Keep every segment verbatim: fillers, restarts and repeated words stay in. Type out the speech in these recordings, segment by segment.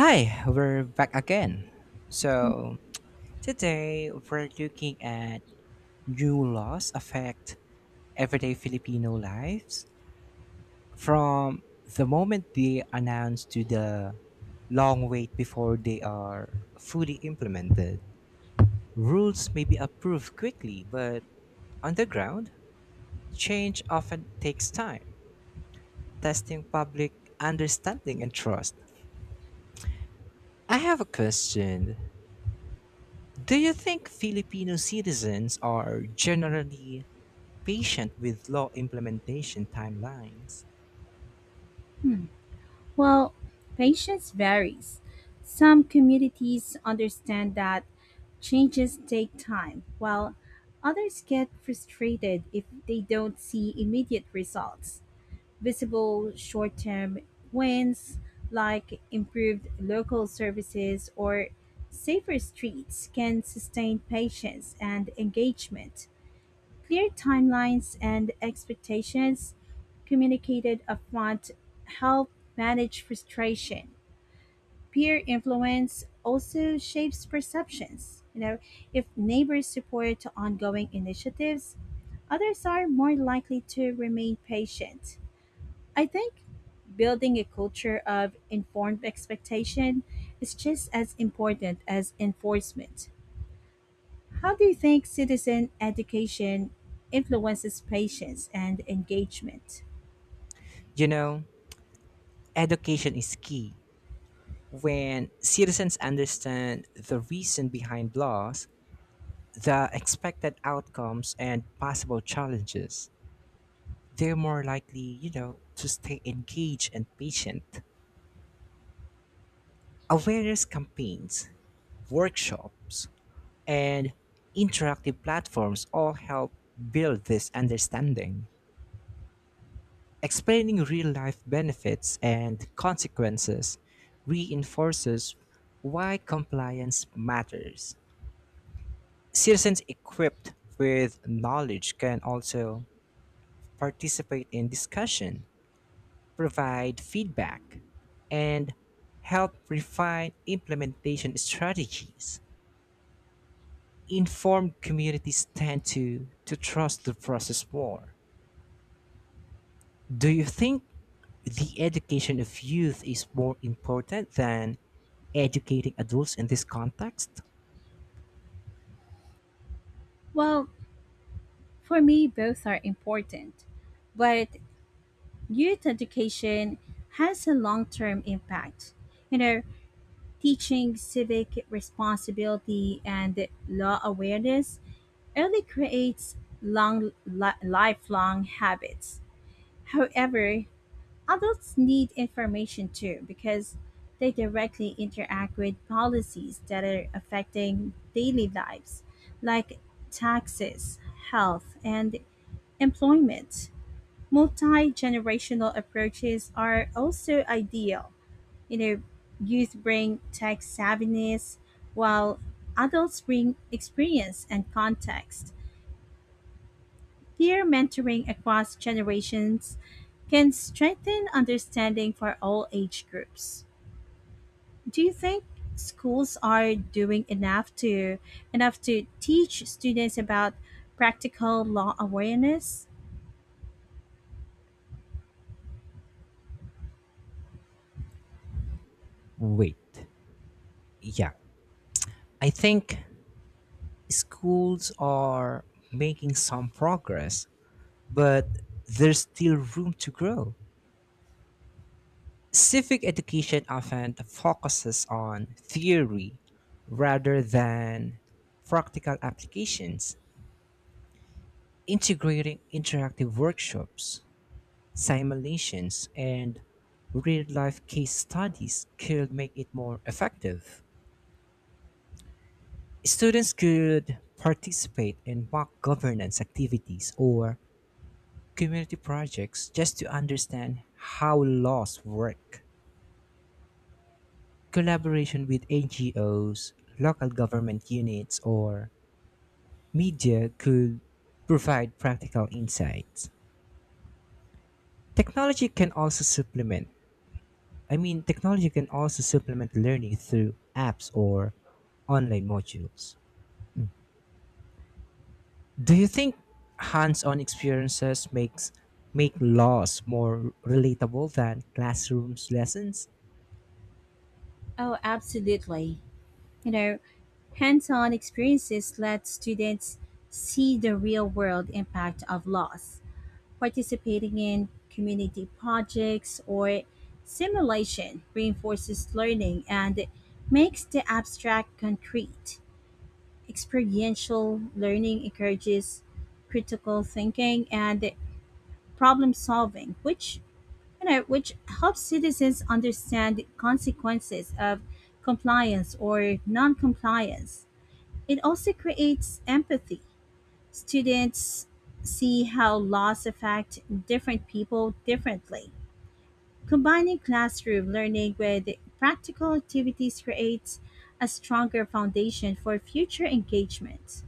Hi, we're back again. So, today we're looking at new laws affect everyday Filipino lives from the moment they announce to the long wait before they are fully implemented. Rules may be approved quickly, but on the ground, change often takes time, testing public understanding and trust. I have a question. Do you think Filipino citizens are generally patient with law implementation timelines? Well, patience varies. Some communities understand that changes take time, while others get frustrated if they don't see immediate results. Visible short term wins like improved local services or safer streets can sustain patience and engagement. Clear timelines and expectations communicated upfront help manage frustration. Peer influence also shapes perceptions. You know, if neighbors support ongoing initiatives, others are more likely to remain patient. I think building a culture of informed expectation is just as important as enforcement. How do you think citizen education influences patience and engagement? You know, Education is key. When citizens understand the reason behind laws, the expected outcomes, and possible challenges, they're more likely, you know, to stay engaged and patient. Awareness campaigns, workshops, and interactive platforms all help build this understanding. Explaining real life benefits and consequences reinforces why compliance matters. Citizens equipped with knowledge can also participate in discussion, provide feedback, and help refine implementation strategies. Informed communities tend to, to trust the process more. Do you think the education of youth is more important than educating adults in this context? Well, for me, both are important, but youth education has a long term impact. You know, teaching civic responsibility and law awareness early creates long li- lifelong habits. However, adults need information too because they directly interact with policies that are affecting daily lives, like taxes, health, and employment. Multi generational approaches are also ideal. You know, youth bring tech savviness, while adults bring experience and context. Peer mentoring across generations can strengthen understanding for all age groups. Do you think schools are doing enough to enough to teach students about practical law awareness? Wait, yeah. I think schools are making some progress, but there's still room to grow. Civic education often focuses on theory rather than practical applications, integrating interactive workshops simulations, and real life case studies could make it more effective. Students could participate in mock governance activities or community projects just to understand how laws work. Collaboration with N G Os, local government units, or media could provide practical insights. Technology can also supplement I mean, Technology can also supplement learning through apps or online modules. Do you think hands-on experiences makes make laws more relatable than classrooms lessons? Oh, absolutely. You know, hands-on experiences let students see the real-world impact of laws. Participating in community projects or simulation reinforces learning and makes the abstract concrete. Experiential learning encourages critical thinking and problem solving, which you know which helps citizens understand the consequences of compliance or non-compliance. It also creates empathy. Students see how laws affect different people differently. Combining classroom learning with practical activities creates a stronger foundation for future engagement.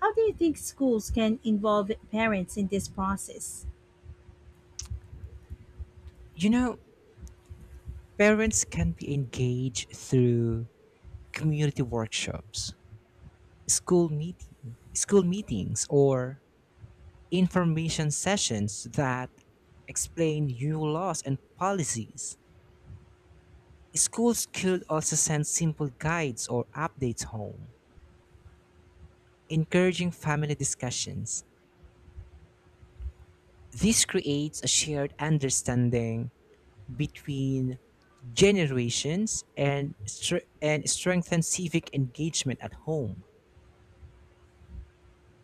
How do you think schools can involve parents in this process? You know, Parents can be engaged through community workshops, school meeting, school meetings or information sessions that explain new laws and policies. Schools could also send simple guides or updates home, encouraging family discussions. This creates a shared understanding between generations, and, stre- and strengthens civic engagement at home.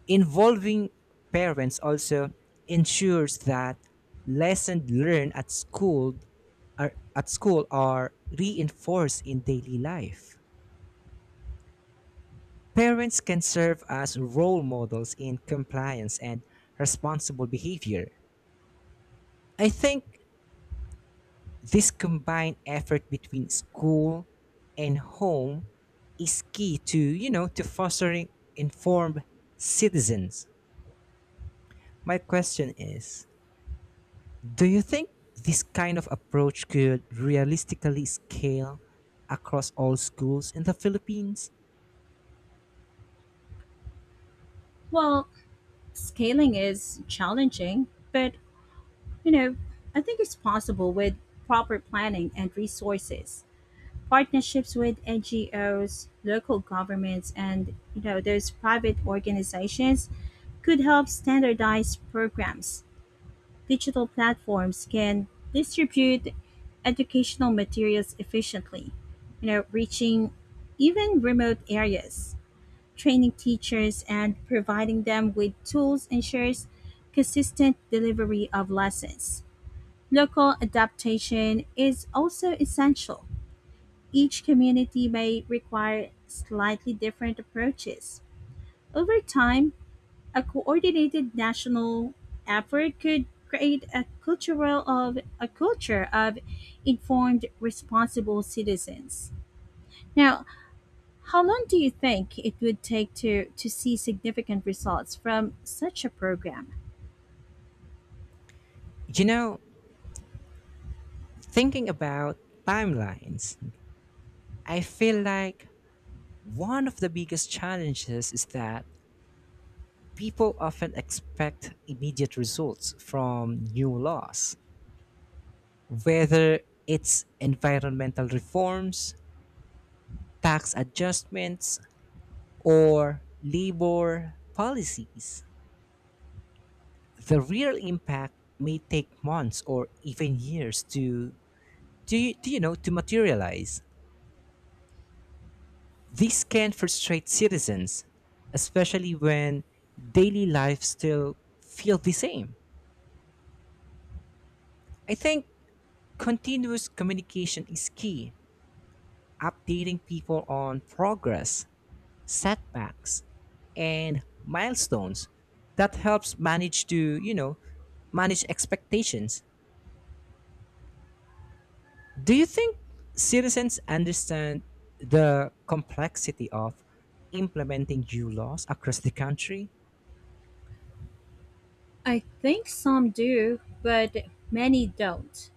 Involving parents also ensures that lessons learned at school are, at school are reinforced in daily life. Parents can serve as role models in compliance and responsible behavior. I think this combined effort between school and home is key to, you know, to fostering informed citizens. My question is, do you think this kind of approach could realistically scale across all schools in the Philippines? Well, scaling is challenging, but you know, I think it's possible with proper planning and resources. Partnerships with N G Os, local governments, and you know, those private organizations could help standardize programs. Digital platforms can distribute educational materials efficiently, you know, reaching even remote areas. Training teachers and providing them with tools ensures consistent delivery of lessons. Local adaptation is also essential. Each community may require slightly different approaches. Over time, a coordinated national effort could create a cultural of a culture of informed responsible citizens. Now, how long do you think it would take to, to see significant results from such a program? You know, Thinking about timelines, I feel like one of the biggest challenges is that people often expect immediate results from new laws, whether it's environmental reforms, tax adjustments, or labor policies. The real impact may take months or even years to to you, you know to materialize. This can frustrate citizens, especially when daily lives still feel the same. I think continuous communication is key, updating people on progress, setbacks, and milestones. That helps manage to, you know, manage expectations. Do you think citizens understand the complexity of implementing new laws across the country? I think some do, but many don't.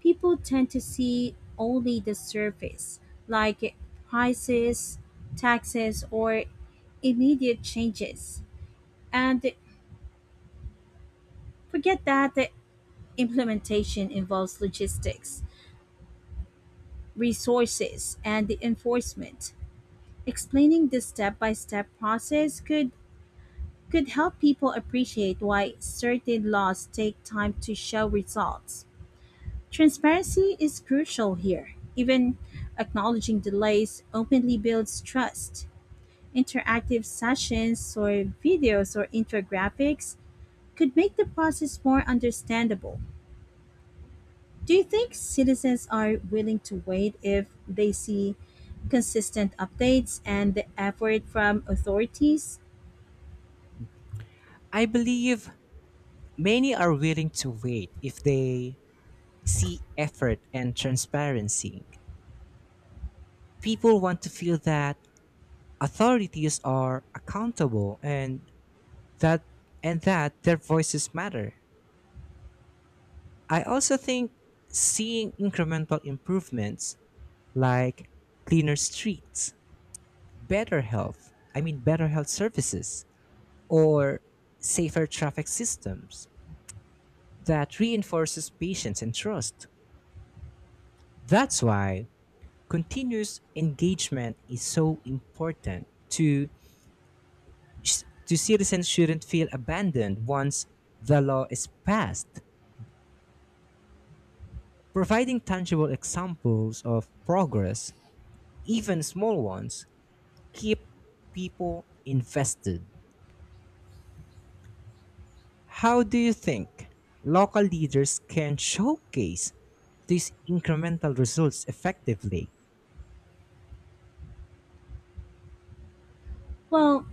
People tend to see only the surface, like prices, taxes, or immediate changes, and forget that the implementation involves logistics, resources, and the enforcement. Explaining the step by step process could could help people appreciate why certain laws take time to show results. Transparency is crucial here. Even acknowledging delays openly builds trust. Interactive sessions or videos or infographics could make the process more understandable. Do you think citizens are willing to wait if they see consistent updates and the effort from authorities? I believe many are willing to wait if they see effort and transparency. People want to feel that authorities are accountable and that and that their voices matter. I also think seeing incremental improvements like cleaner streets, better health, I mean better health services or safer traffic systems that reinforces patience and trust. That's why continuous engagement is so important to sh- the citizens shouldn't feel abandoned once the law is passed. Providing tangible examples of progress, even small ones, keep people invested. How do you think local leaders can showcase these incremental results effectively? Well,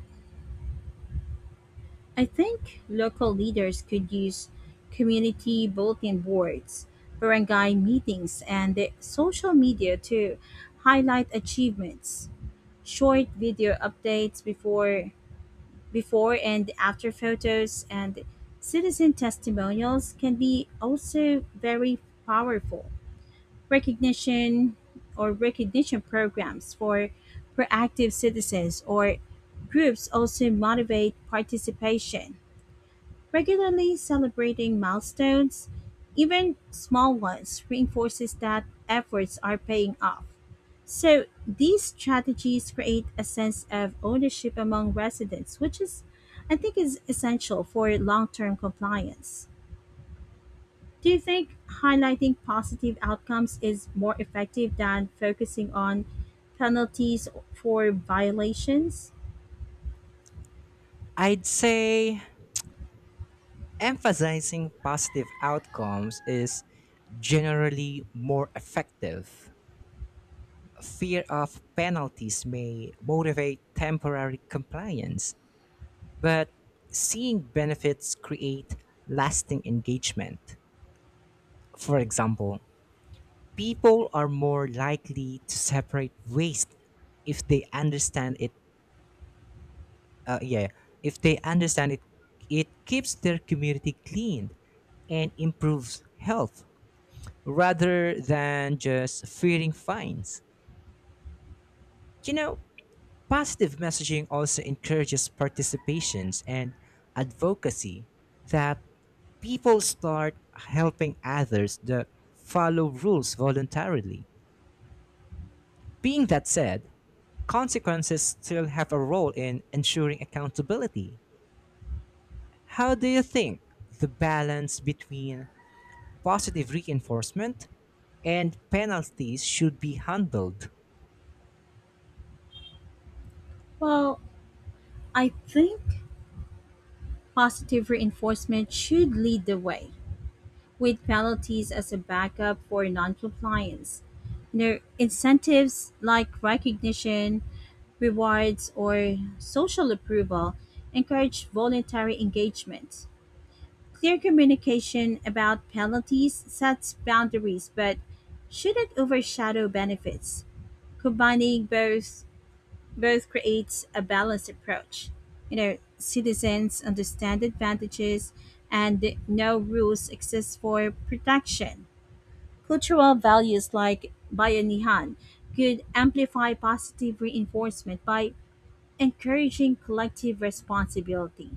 I think local leaders could use community bulletin boards, barangay meetings, and the social media to highlight achievements. Short video updates before before and after photos and citizen testimonials can be also very powerful. Recognition or Recognition programs for proactive citizens or groups also motivate participation. Regularly celebrating milestones, even small ones, reinforces that efforts are paying off. So, these strategies create a sense of ownership among residents, which is, I think, is essential for long term compliance. Do you think highlighting positive outcomes is more effective than focusing on penalties for violations? I'd say emphasizing positive outcomes is generally more effective. Fear of penalties may motivate temporary compliance, but seeing benefits create lasting engagement. For example, people are more likely to separate waste if they understand it uh, yeah, if they understand it it keeps their community clean and improves health rather than just fearing fines. You know, Positive messaging also encourages participations and advocacy that people start helping others that follow rules voluntarily. Being that said, consequences still have a role in ensuring accountability. How do you think the balance between positive reinforcement and penalties should be handled? Well, I think positive reinforcement should lead the way with penalties as a backup for noncompliance. You incentives like recognition, rewards, or social approval encourage voluntary engagement. Clear communication about penalties sets boundaries but shouldn't overshadow benefits. Combining both both creates a balanced approach. You know, citizens understand advantages and know rules exist for protection. Cultural values like Bayanihan could amplify positive reinforcement by encouraging collective responsibility.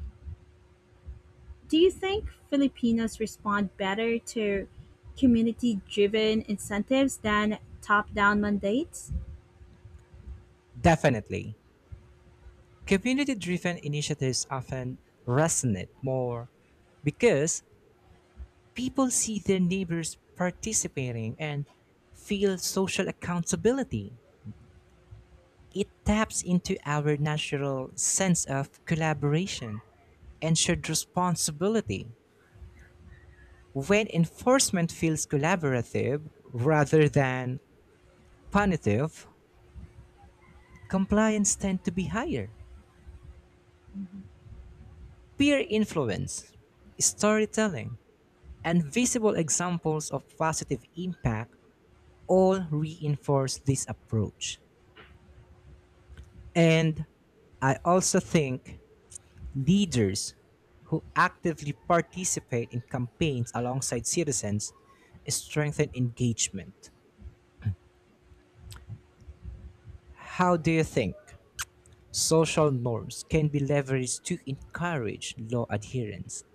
Do you think Filipinos respond better to community driven incentives than top down mandates? Definitely. Community driven initiatives often resonate more because people see their neighbors participating and feel social accountability. It taps into our natural sense of collaboration and shared responsibility. When enforcement feels collaborative rather than punitive, compliance tends to be higher. Peer influence, storytelling, and visible examples of positive impact all reinforce this approach. And I also think leaders who actively participate in campaigns alongside citizens strengthen engagement. How do you think social norms can be leveraged to encourage law adherence?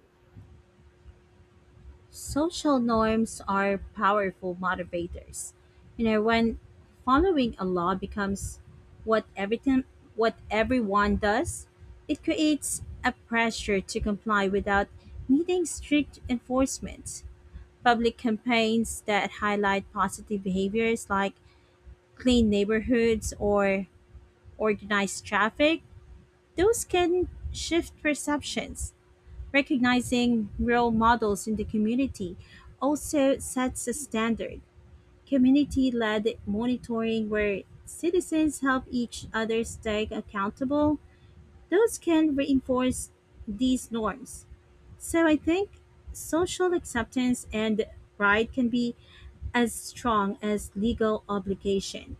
Social norms are powerful motivators. You know, when following a law becomes what everything what everyone does, it creates a pressure to comply without needing strict enforcement. Public campaigns that highlight positive behaviors like clean neighborhoods or organized traffic, those can shift perceptions. Recognizing role models in the community also sets a standard. Community led monitoring, where citizens help each other stay accountable, those can reinforce these norms. So I think social acceptance and pride can be as strong as legal obligation.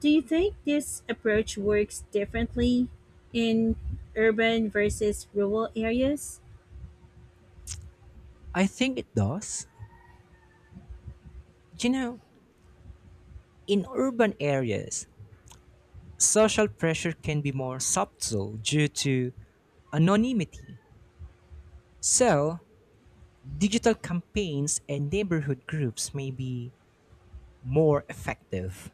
Do you think this approach works differently in urban versus rural areas? I think it does. You know, in urban areas, social pressure can be more subtle due to anonymity. So, digital campaigns and neighborhood groups may be more effective.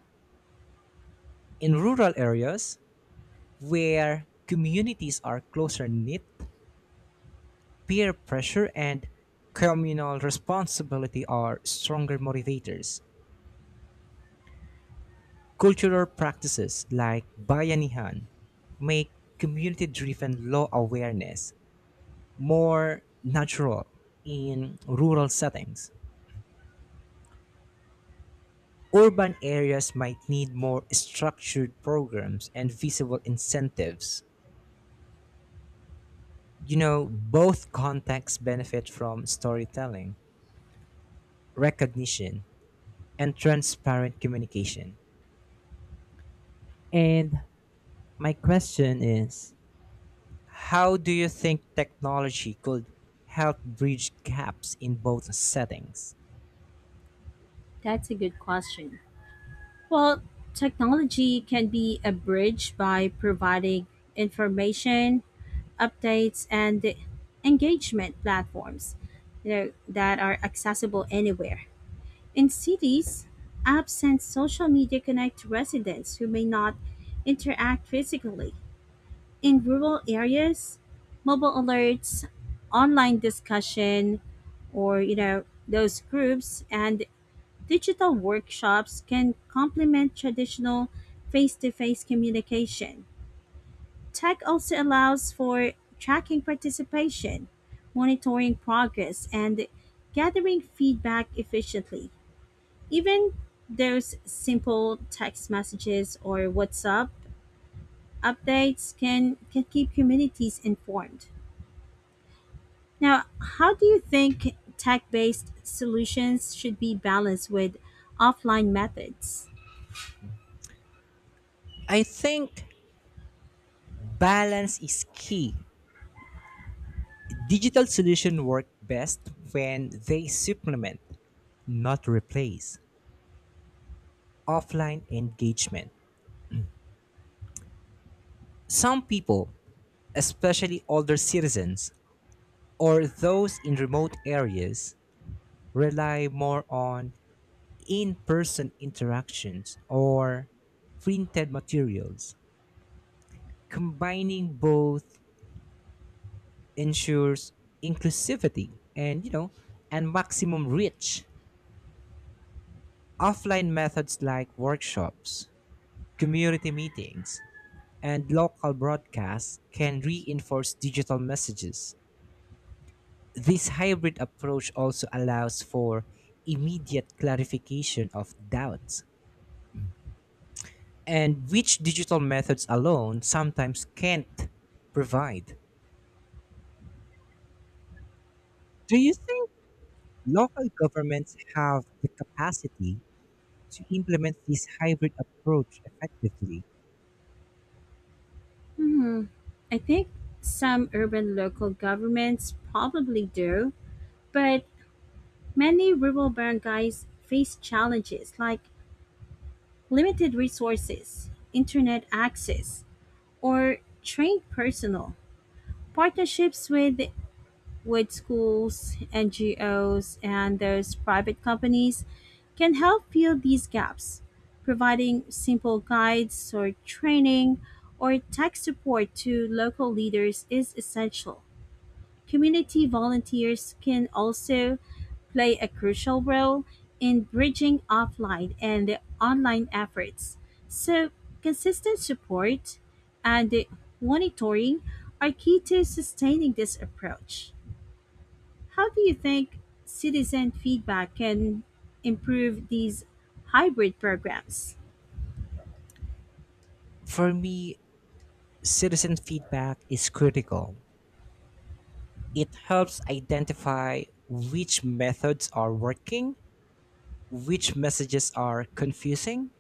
In rural areas where communities are closer knit, peer pressure and communal responsibility are stronger motivators. Cultural practices like bayanihan make community driven law awareness more natural in rural settings. Urban areas might need more structured programs and visible incentives. You know, both contexts benefit from storytelling, recognition, and transparent communication. And my question is how do you think technology could help bridge gaps in both settings? That's a good question. Well, technology can be a bridge by providing information, updates, and engagement platforms, you know, that are accessible anywhere. In cities, apps and social media connect residents who may not interact physically. In rural areas, mobile alerts, online discussion, or you know those groups and digital workshops can complement traditional face to face communication. Tech also allows for tracking participation, monitoring progress, and gathering feedback efficiently. Even those simple text messages or WhatsApp updates can, can keep communities informed. Now, how do you think tech based solutions should be balanced with offline methods? I think balance is key. Digital solutions work best when they supplement, not replace, offline engagement. Some people, especially older citizens or those in remote areas, rely more on in person interactions or printed materials. Combining both ensures inclusivity and, you know, and maximum reach. Offline methods like workshops, community meetings, and local broadcasts can reinforce digital messages. This hybrid approach also allows for immediate clarification of doubts, and which digital methods alone sometimes can't provide. Do you think local governments have the capacity to implement this hybrid approach effectively? Hmm. I think some urban local governments probably do, but many rural barangays face challenges like limited resources, internet access, or trained personnel. Partnerships with with schools, N G Os, and those private companies can help fill these gaps. Providing simple guides or training or tech support to local leaders is essential. Community volunteers can also play a crucial role in bridging offline and online efforts. So, consistent support and monitoring are key to sustaining this approach. How do you think citizen feedback can improve these hybrid programs? For me, citizen feedback is critical. It helps identify which methods are working which messages are confusing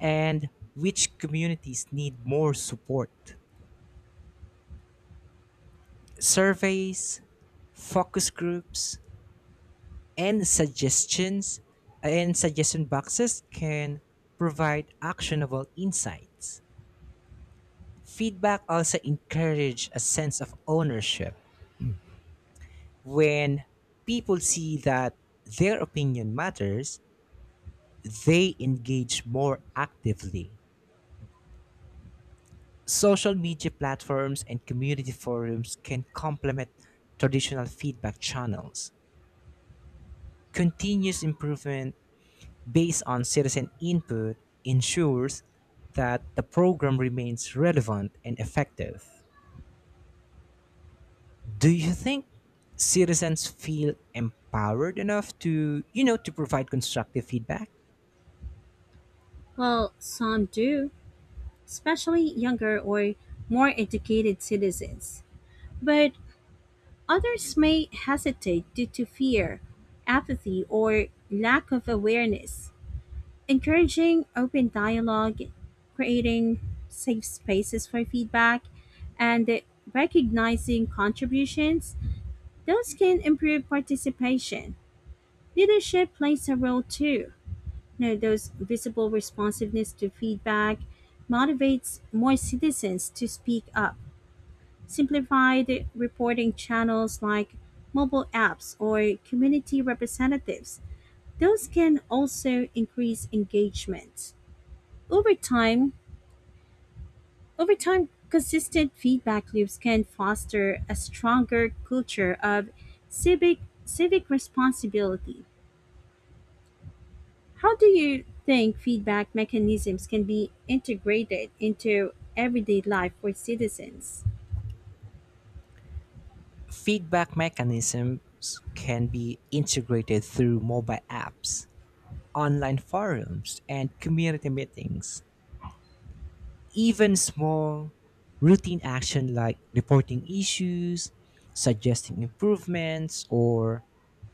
and which communities need more support. Surveys, focus groups, and suggestions and suggestion boxes can provide actionable insights. Feedback also encourage a sense of ownership. When people see that their opinion matters, they engage more actively. Social media platforms and community forums can complement traditional feedback channels. Continuous improvement based on citizen input ensures that the program remains relevant and effective. Do you think citizens feel empowered enough to, you know, to provide constructive feedback? Well, some do, especially younger or more educated citizens. But others may hesitate due to fear, apathy, or lack of awareness. Encouraging open dialogue, creating safe spaces for feedback, and recognizing contributions, those can improve participation. Leadership plays a role too. You know, those visible responsiveness to feedback motivates more citizens to speak up. Simplified reporting channels like mobile apps or community representatives. Those can also increase engagement. Over time, over time, consistent feedback loops can foster a stronger culture of civic civic responsibility. How do you think feedback mechanisms can be integrated into everyday life for citizens? Feedback mechanisms can be integrated through mobile apps, online forums, and community meetings. Even small, routine action like reporting issues, suggesting improvements, or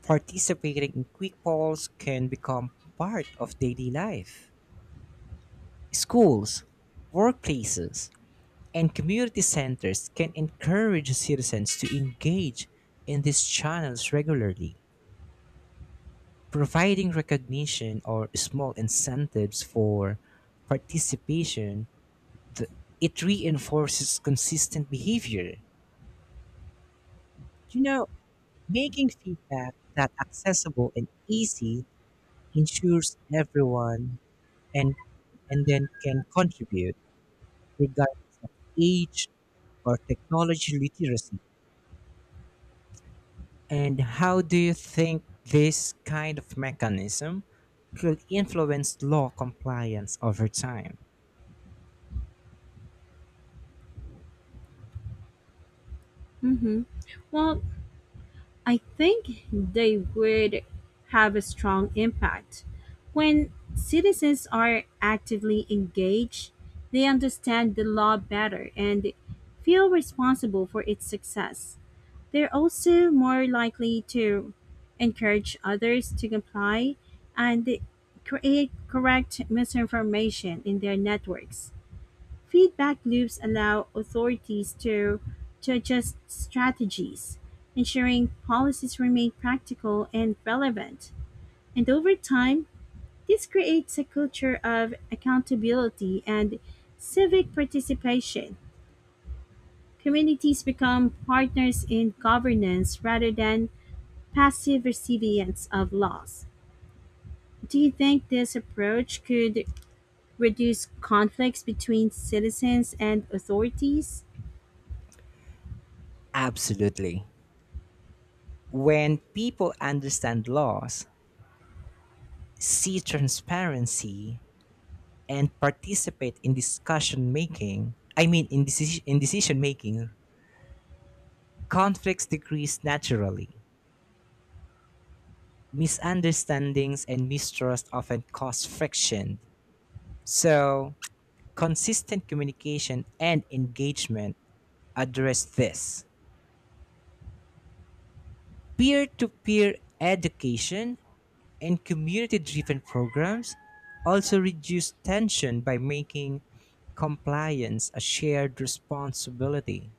participating in quick polls can become part of daily life. Schools, workplaces, and community centers can encourage citizens to engage in these channels regularly, providing recognition or small incentives for participation. th- It reinforces consistent behavior. You know, Making feedback that accessible and easy ensures everyone and and then can contribute regardless of age or technology literacy. And how do you think this kind of mechanism could influence law compliance over time? Hmm. Well, I think they would have a strong impact. When citizens are actively engaged, they understand the law better and feel responsible for its success. They're also more likely to encourage others to comply and create correct misinformation in their networks. Feedback loops allow authorities to to adjust strategies, ensuring policies remain practical and relevant. And over time, this creates a culture of accountability and civic participation. Communities become partners in governance rather than passive recipients of laws. Do you think this approach could reduce conflicts between citizens and authorities? Absolutely. When people understand laws, see transparency, and participate in discussion making, I mean in decision, in decision making, conflicts decrease naturally. Misunderstandings and mistrust often cause friction. So, consistent communication and engagement address this. Peer to peer education and community driven programs also reduce tension by making compliance a shared responsibility.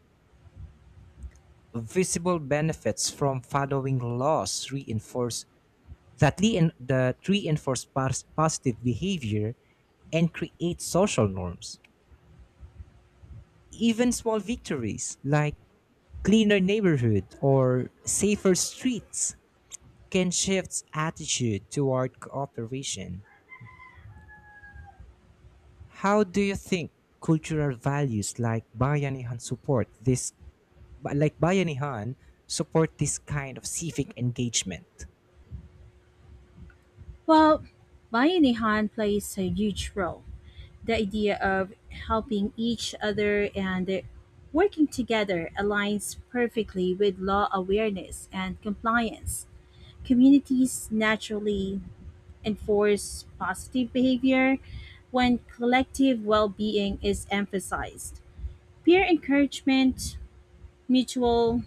Visible benefits from following laws reinforce that, rein, that reinforce pos- positive behavior and create social norms. Even small victories like cleaner neighborhood or safer streets can shift attitude toward cooperation. How do you think cultural values like Bayanihan support this like Bayanihan support this kind of civic engagement? Well, buying a hand plays a huge role. The idea of helping each other and working together aligns perfectly with law awareness and compliance. Communities naturally enforce positive behavior when collective well being is emphasized. Peer encouragement, mutual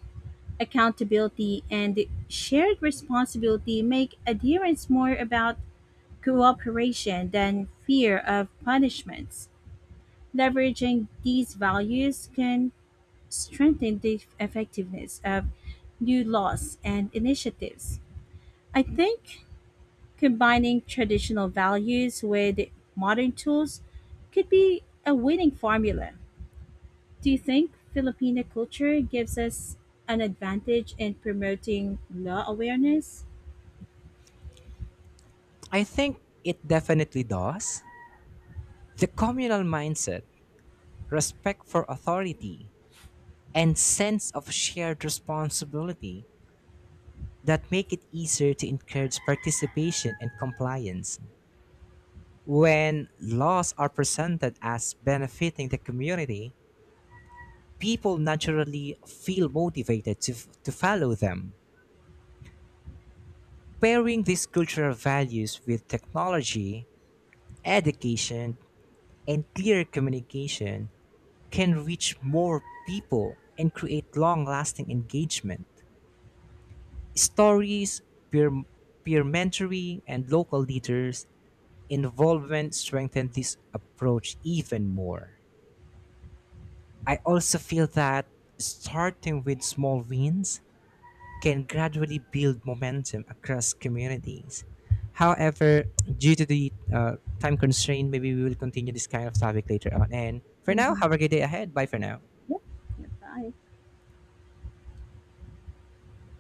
accountability, and shared responsibility make adherence more about cooperation than fear of punishments. Leveraging these values can strengthen the effectiveness of new laws and initiatives. I think combining traditional values with modern tools could be a winning formula. Do you think Filipino culture gives us an advantage in promoting law awareness? I think it definitely does. The communal mindset, respect for authority, and sense of shared responsibility that make it easier to encourage participation and compliance. When laws are presented as benefiting the community, people naturally feel motivated to, to follow them. Pairing these cultural values with technology, education, and clear communication can reach more people and create long lasting engagement. Stories, peer, peer mentoring, and local leaders' involvement strengthen this approach even more. I also feel that starting with small wins can gradually build momentum across communities. However, due to the uh, time constraint, maybe we will continue this kind of topic later on. And for now, Mm-hmm. have a good day ahead. Bye for now. Yep. Yep. Bye.